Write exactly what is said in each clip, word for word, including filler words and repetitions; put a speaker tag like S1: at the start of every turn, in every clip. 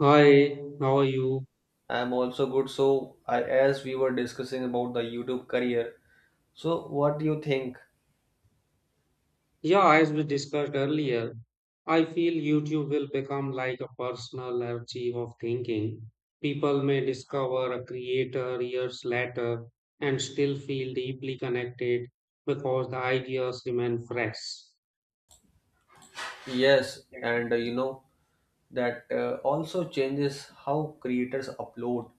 S1: Hi, how are you?
S2: I'm also good. So, I, as we were discussing about the YouTube career, so what do you think?
S1: Yeah, as we discussed earlier, I feel YouTube will become like a personal archive of thinking. People may discover a creator years later and still feel deeply connected because the ideas remain fresh.
S2: Yes, and uh, you know that uh, also changes how creators upload.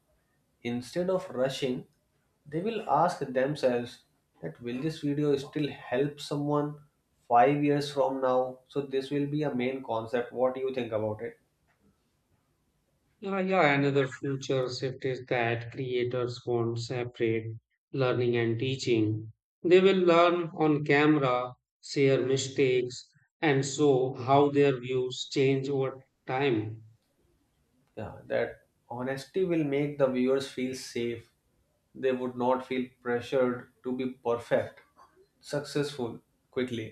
S2: Instead of rushing, they will ask themselves that will this video still help someone five years from now? So, this will be a main concept. What do you think about it?
S1: Yeah, yeah, another future shift is that creators won't separate learning and teaching. They will learn on camera, share mistakes, and show how their views change over time.
S2: Yeah, that honesty will make the viewers feel safe. They would not feel pressured to be perfect, successful, quickly.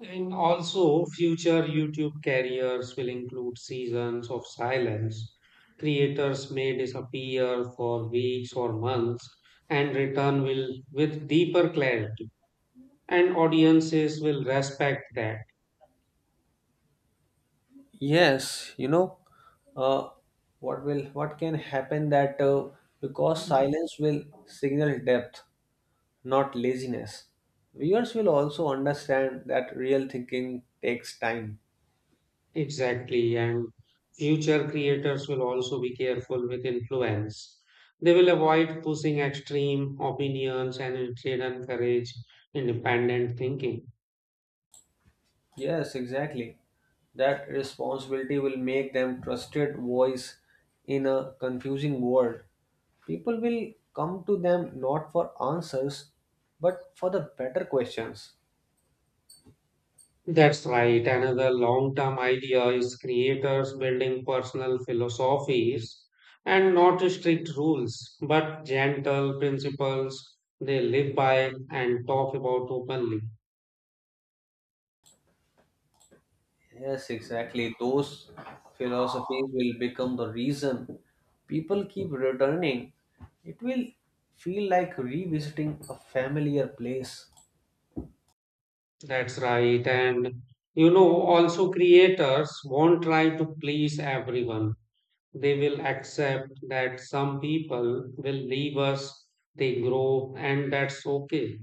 S1: And also, future YouTube careers will include seasons of silence. Creators may disappear for weeks or months and return will with deeper clarity, and audiences will respect that.
S2: Yes, you know, uh, what will what can happen that uh, because silence will signal depth, not laziness. Viewers will also understand that real thinking takes time.
S1: Exactly, and future creators will also be careful with influence. They will avoid pushing extreme opinions and instead encourage independent thinking.
S2: Yes, exactly, that responsibility will make them trusted voice in a confusing world. People will come to them not for answers, but for the better questions.
S1: That's right. Another long term idea is creators building personal philosophies and not strict rules, but gentle principles they live by and talk about openly.
S2: Yes, exactly. Those philosophies will become the reason people keep returning. It will feel like revisiting a familiar place.
S1: That's right. And you know, also creators won't try to please everyone. They will accept that some people will leave us, they grow, and that's okay.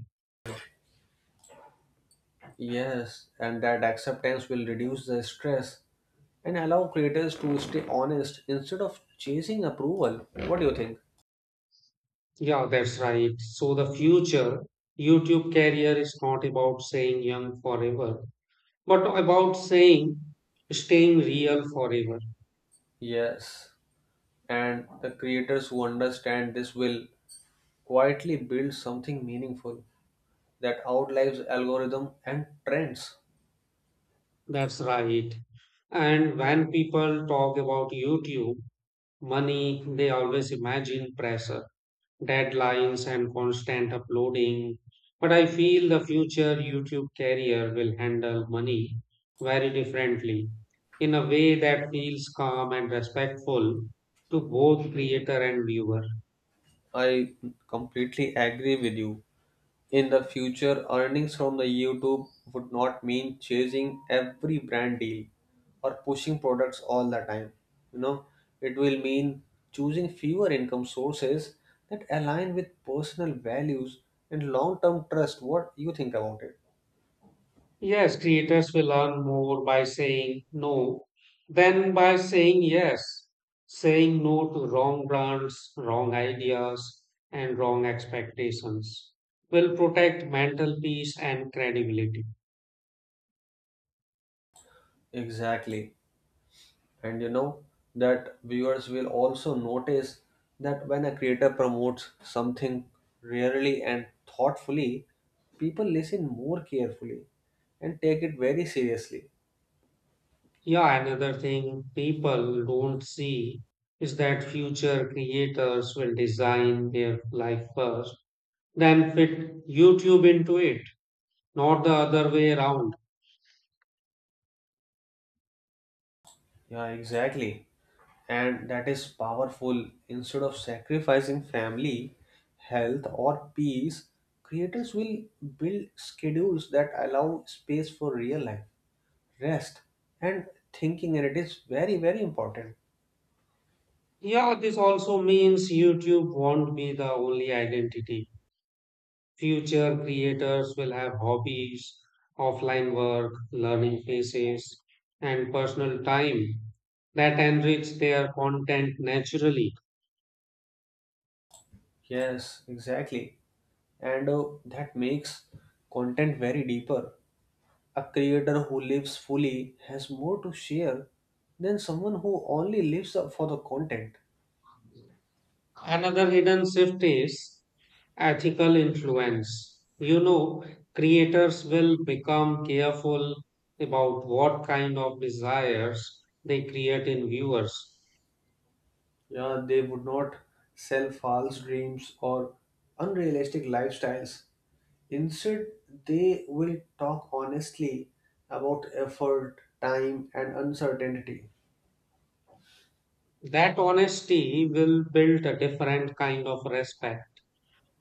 S2: Yes, and that acceptance will reduce the stress and allow creators to stay honest instead of chasing approval. What do you think?
S1: Yeah, that's right. So the future YouTube career is not about saying young forever, but about saying staying real forever.
S2: Yes, and the creators who understand this will quietly build something meaningful that outlives algorithm and trends.
S1: That's right. And when people talk about YouTube, money, they always imagine pressure deadlines and constant uploading. But I feel the future YouTube career will handle money very differently in a way that feels calm and respectful to both creator and viewer.
S2: I completely agree with you. In the future, earnings from the YouTube would not mean chasing every brand deal or pushing products all the time. You know, it will mean choosing fewer income sources that align with personal values and long-term trust. What you think about it?
S1: Yes, creators will earn more by saying no than by saying yes. Saying no to wrong brands, wrong ideas, and wrong expectations will protect mental peace and credibility.
S2: Exactly. And you know that viewers will also notice that when a creator promotes something rarely and thoughtfully, people listen more carefully and take it very seriously.
S1: Yeah, another thing people don't see is that future creators will design their life first, then fit YouTube into it, not the other way around.
S2: Yeah, exactly, and that is powerful. Instead of sacrificing family, health, or peace, creators will build schedules that allow space for real life, rest, and thinking, and it is very very important.
S1: Yeah, this also means YouTube won't be the only identity. Future creators will have hobbies, offline work, learning phases, and personal time that enrich their content naturally.
S2: Yes, exactly. And uh, that makes content very deeper. A creator who lives fully has more to share than someone who only lives up for the content.
S1: Another hidden shift is ethical influence. You know, creators will become careful about what kind of desires they create in viewers.
S2: Yeah, they would not sell false dreams or unrealistic lifestyles. Instead, they will talk honestly about effort, time, and uncertainty.
S1: That honesty will build a different kind of respect.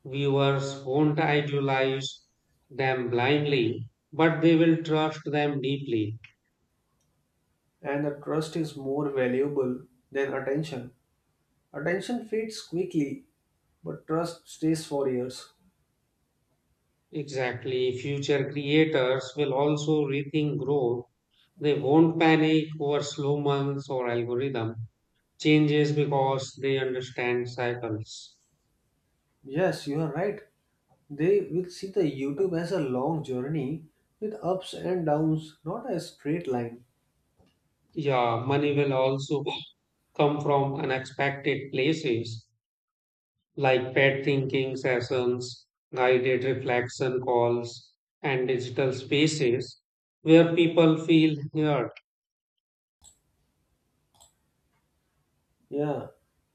S1: Viewers won't idealize them blindly, but they will trust them deeply.
S2: And the trust is more valuable than attention. Attention fades quickly, but trust stays for years.
S1: Exactly. Future creators will also rethink growth. They won't panic over slow months or algorithm changes because they understand cycles.
S2: Yes, you are right. They will see the YouTube as a long journey with ups and downs, not a straight line.
S1: Yeah, money will also come from unexpected places like pet thinking sessions, guided reflection calls, and digital spaces where people feel heard.
S2: Yeah,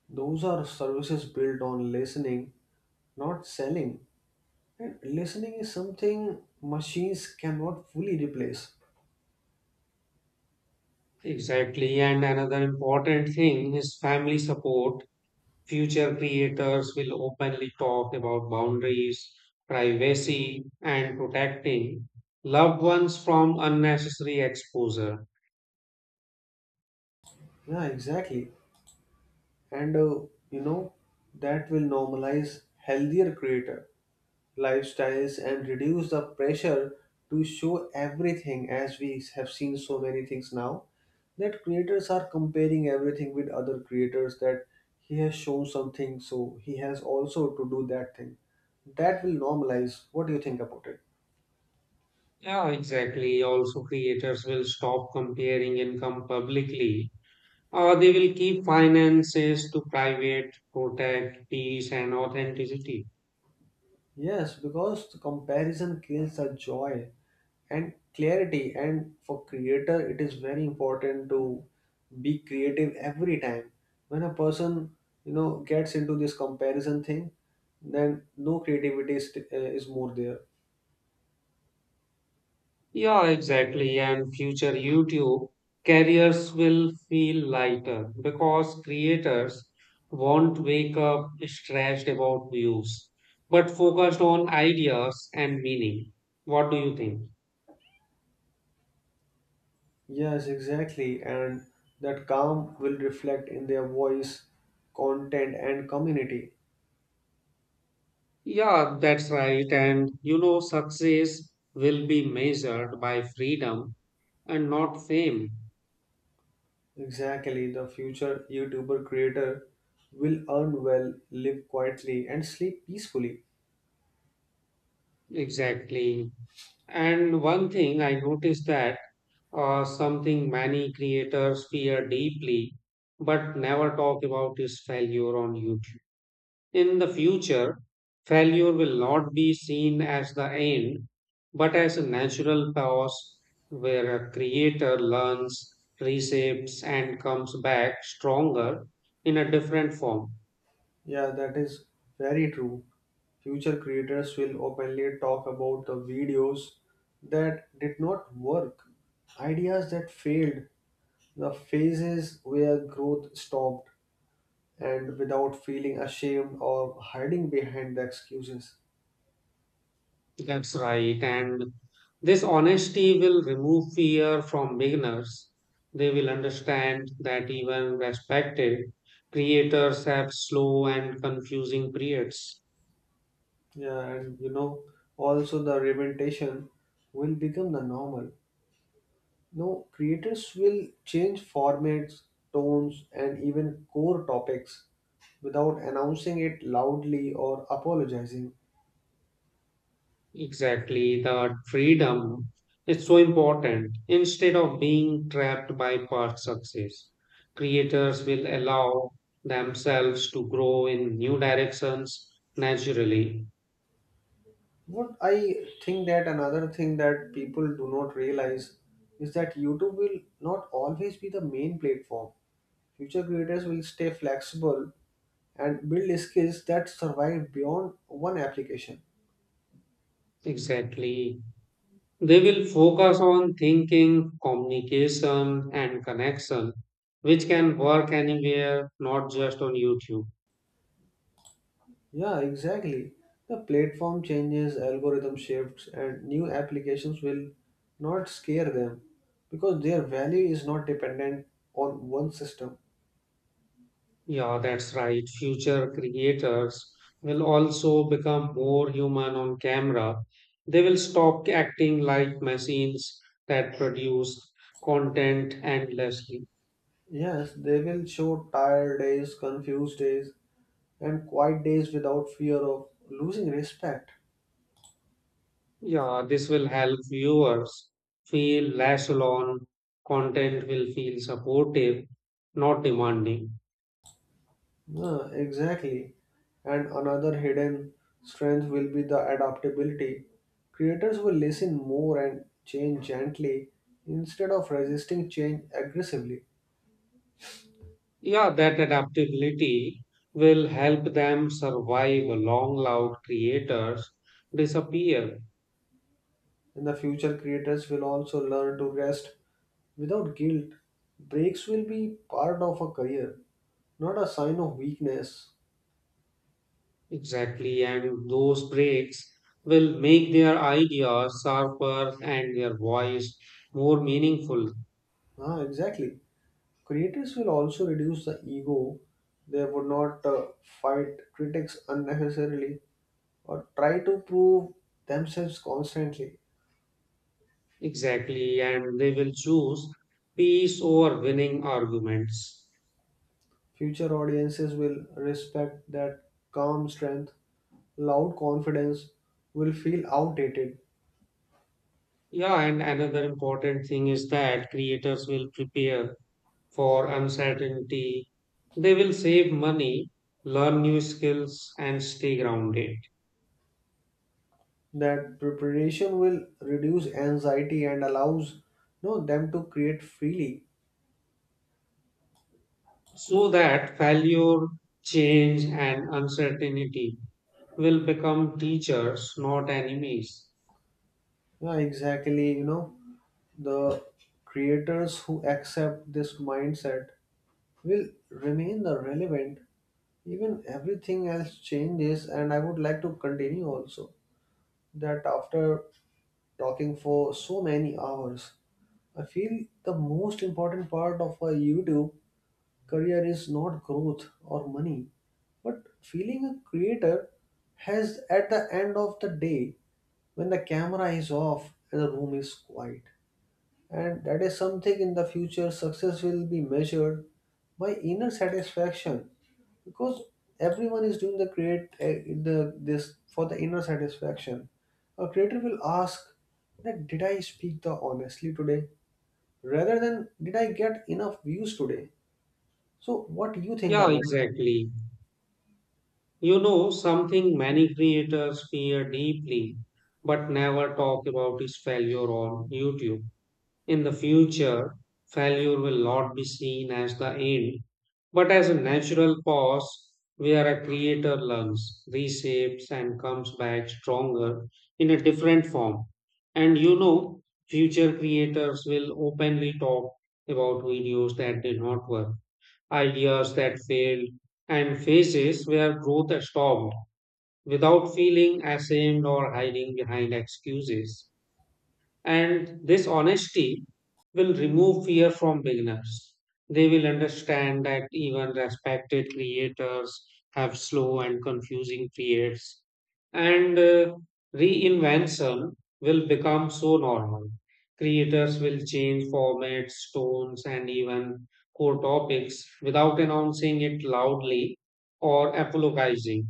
S2: those are services built on listening, not selling. And listening is something machines cannot fully replace.
S1: Exactly. And another important thing is family support. Future creators will openly talk about boundaries, privacy, and protecting loved ones from unnecessary exposure.
S2: Yeah, exactly. And uh, you know, that will normalize healthier creator lifestyles and reduce the pressure to show everything, as we have seen so many things now, that creators are comparing everything with other creators, that he has shown something, so he has also to do that thing. That will normalize. What do you think about it?
S1: Yeah, exactly. Also, creators will stop comparing income publicly, or they will keep finances to private, protect peace and authenticity.
S2: Yes, because the comparison kills the joy and clarity. And for creator, it is very important to be creative every time. When a person, you know, gets into this comparison thing, then no creativity is, uh, is more there.
S1: Yeah, exactly. And future YouTube careers will feel lighter because creators won't wake up stressed about views, but focused on ideas and meaning. What do you think?
S2: Yes, exactly. And that calm will reflect in their voice, content, and community.
S1: Yeah, that's right. And you know, success will be measured by freedom and not fame.
S2: Exactly. The future YouTuber creator will earn well, live quietly, and sleep peacefully.
S1: Exactly. And one thing I noticed that uh, something many creators fear deeply but never talk about is failure on YouTube. In the future, failure will not be seen as the end but as a natural pause where a creator learns, reshapes, and comes back stronger in a different form.
S2: Yeah, that is very true. Future creators will openly talk about the videos that did not work, ideas that failed, the phases where growth stopped, and without feeling ashamed or hiding behind the excuses.
S1: That's right. And this honesty will remove fear from beginners. They will understand that even respected creators have slow and confusing periods.
S2: Yeah, and you know, also the representation will become the normal. No, creators will change formats, tones, and even core topics without announcing it loudly or apologizing.
S1: Exactly. The freedom is so important. Instead of being trapped by past success, creators will allow themselves to grow in new directions naturally.
S2: What I think, that another thing that people do not realize is that YouTube will not always be the main platform. Future creators will stay flexible and build skills that survive beyond one application.
S1: Exactly. They will focus on thinking, communication, and connection, which can work anywhere, not just on YouTube.
S2: Yeah, exactly. The platform changes, algorithm shifts, and new applications will not scare them because their value is not dependent on one system.
S1: Yeah, that's right. Future creators will also become more human on camera. They will stop acting like machines that produce content endlessly.
S2: Yes, they will show tired days, confused days, and quiet days without fear of losing respect.
S1: Yeah, this will help viewers feel less alone. Content will feel supportive, not demanding.
S2: Yeah, exactly. And another hidden strength will be the adaptability. Creators will listen more and change gently instead of resisting change aggressively.
S1: Yeah, that adaptability will help them survive long loud creators disappear.
S2: In the future, creators will also learn to rest without guilt. Breaks will be part of a career, not a sign of weakness.
S1: Exactly, and those breaks will make their ideas sharper and their voice more meaningful.
S2: Ah, exactly. Creators will also reduce the ego. They would not uh, fight critics unnecessarily or try to prove themselves constantly.
S1: Exactly, and they will choose peace over winning arguments.
S2: Future audiences will respect that calm strength. Loud confidence will feel outdated.
S1: Yeah, and another important thing is that creators will prepare for uncertainty. They will save money, learn new skills, and stay grounded
S2: That preparation will reduce anxiety and allows, you know, them to create freely.
S1: so that failure, change, and uncertainty will become teachers, not enemies.
S2: Yeah, exactly, you know, the creators who accept this mindset will remain the relevant even everything else changes. And I would like to continue also that after talking for so many hours, I feel the most important part of a YouTube career is not growth or money, but feeling a creator has at the end of the day when the camera is off and the room is quiet. And that is something. In the future, success will be measured by inner satisfaction, because everyone is doing the create eh, the this for the inner satisfaction. A creator will ask that did I speak the honestly today, rather than did I get enough views today. So what do you think
S1: Yeah,
S2: about?
S1: exactly. You know, something many creators fear deeply but never talk about is failure on YouTube. In the future, failure will not be seen as the end, but as a natural pause where a creator learns, reshapes, and comes back stronger in a different form. And you know, future creators will openly talk about videos that did not work, ideas that failed, and phases where growth stopped without feeling ashamed or hiding behind excuses. And this honesty will remove fear from beginners. They will understand that even respected creators have slow and confusing creates, and uh, reinvention will become so normal. Creators will change formats, tones, and even core topics without announcing it loudly or apologizing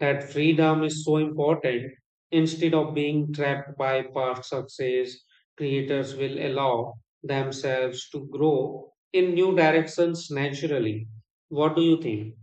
S1: that freedom is so important. Instead of being trapped by past success, creators will allow themselves to grow in new directions naturally. What do you think?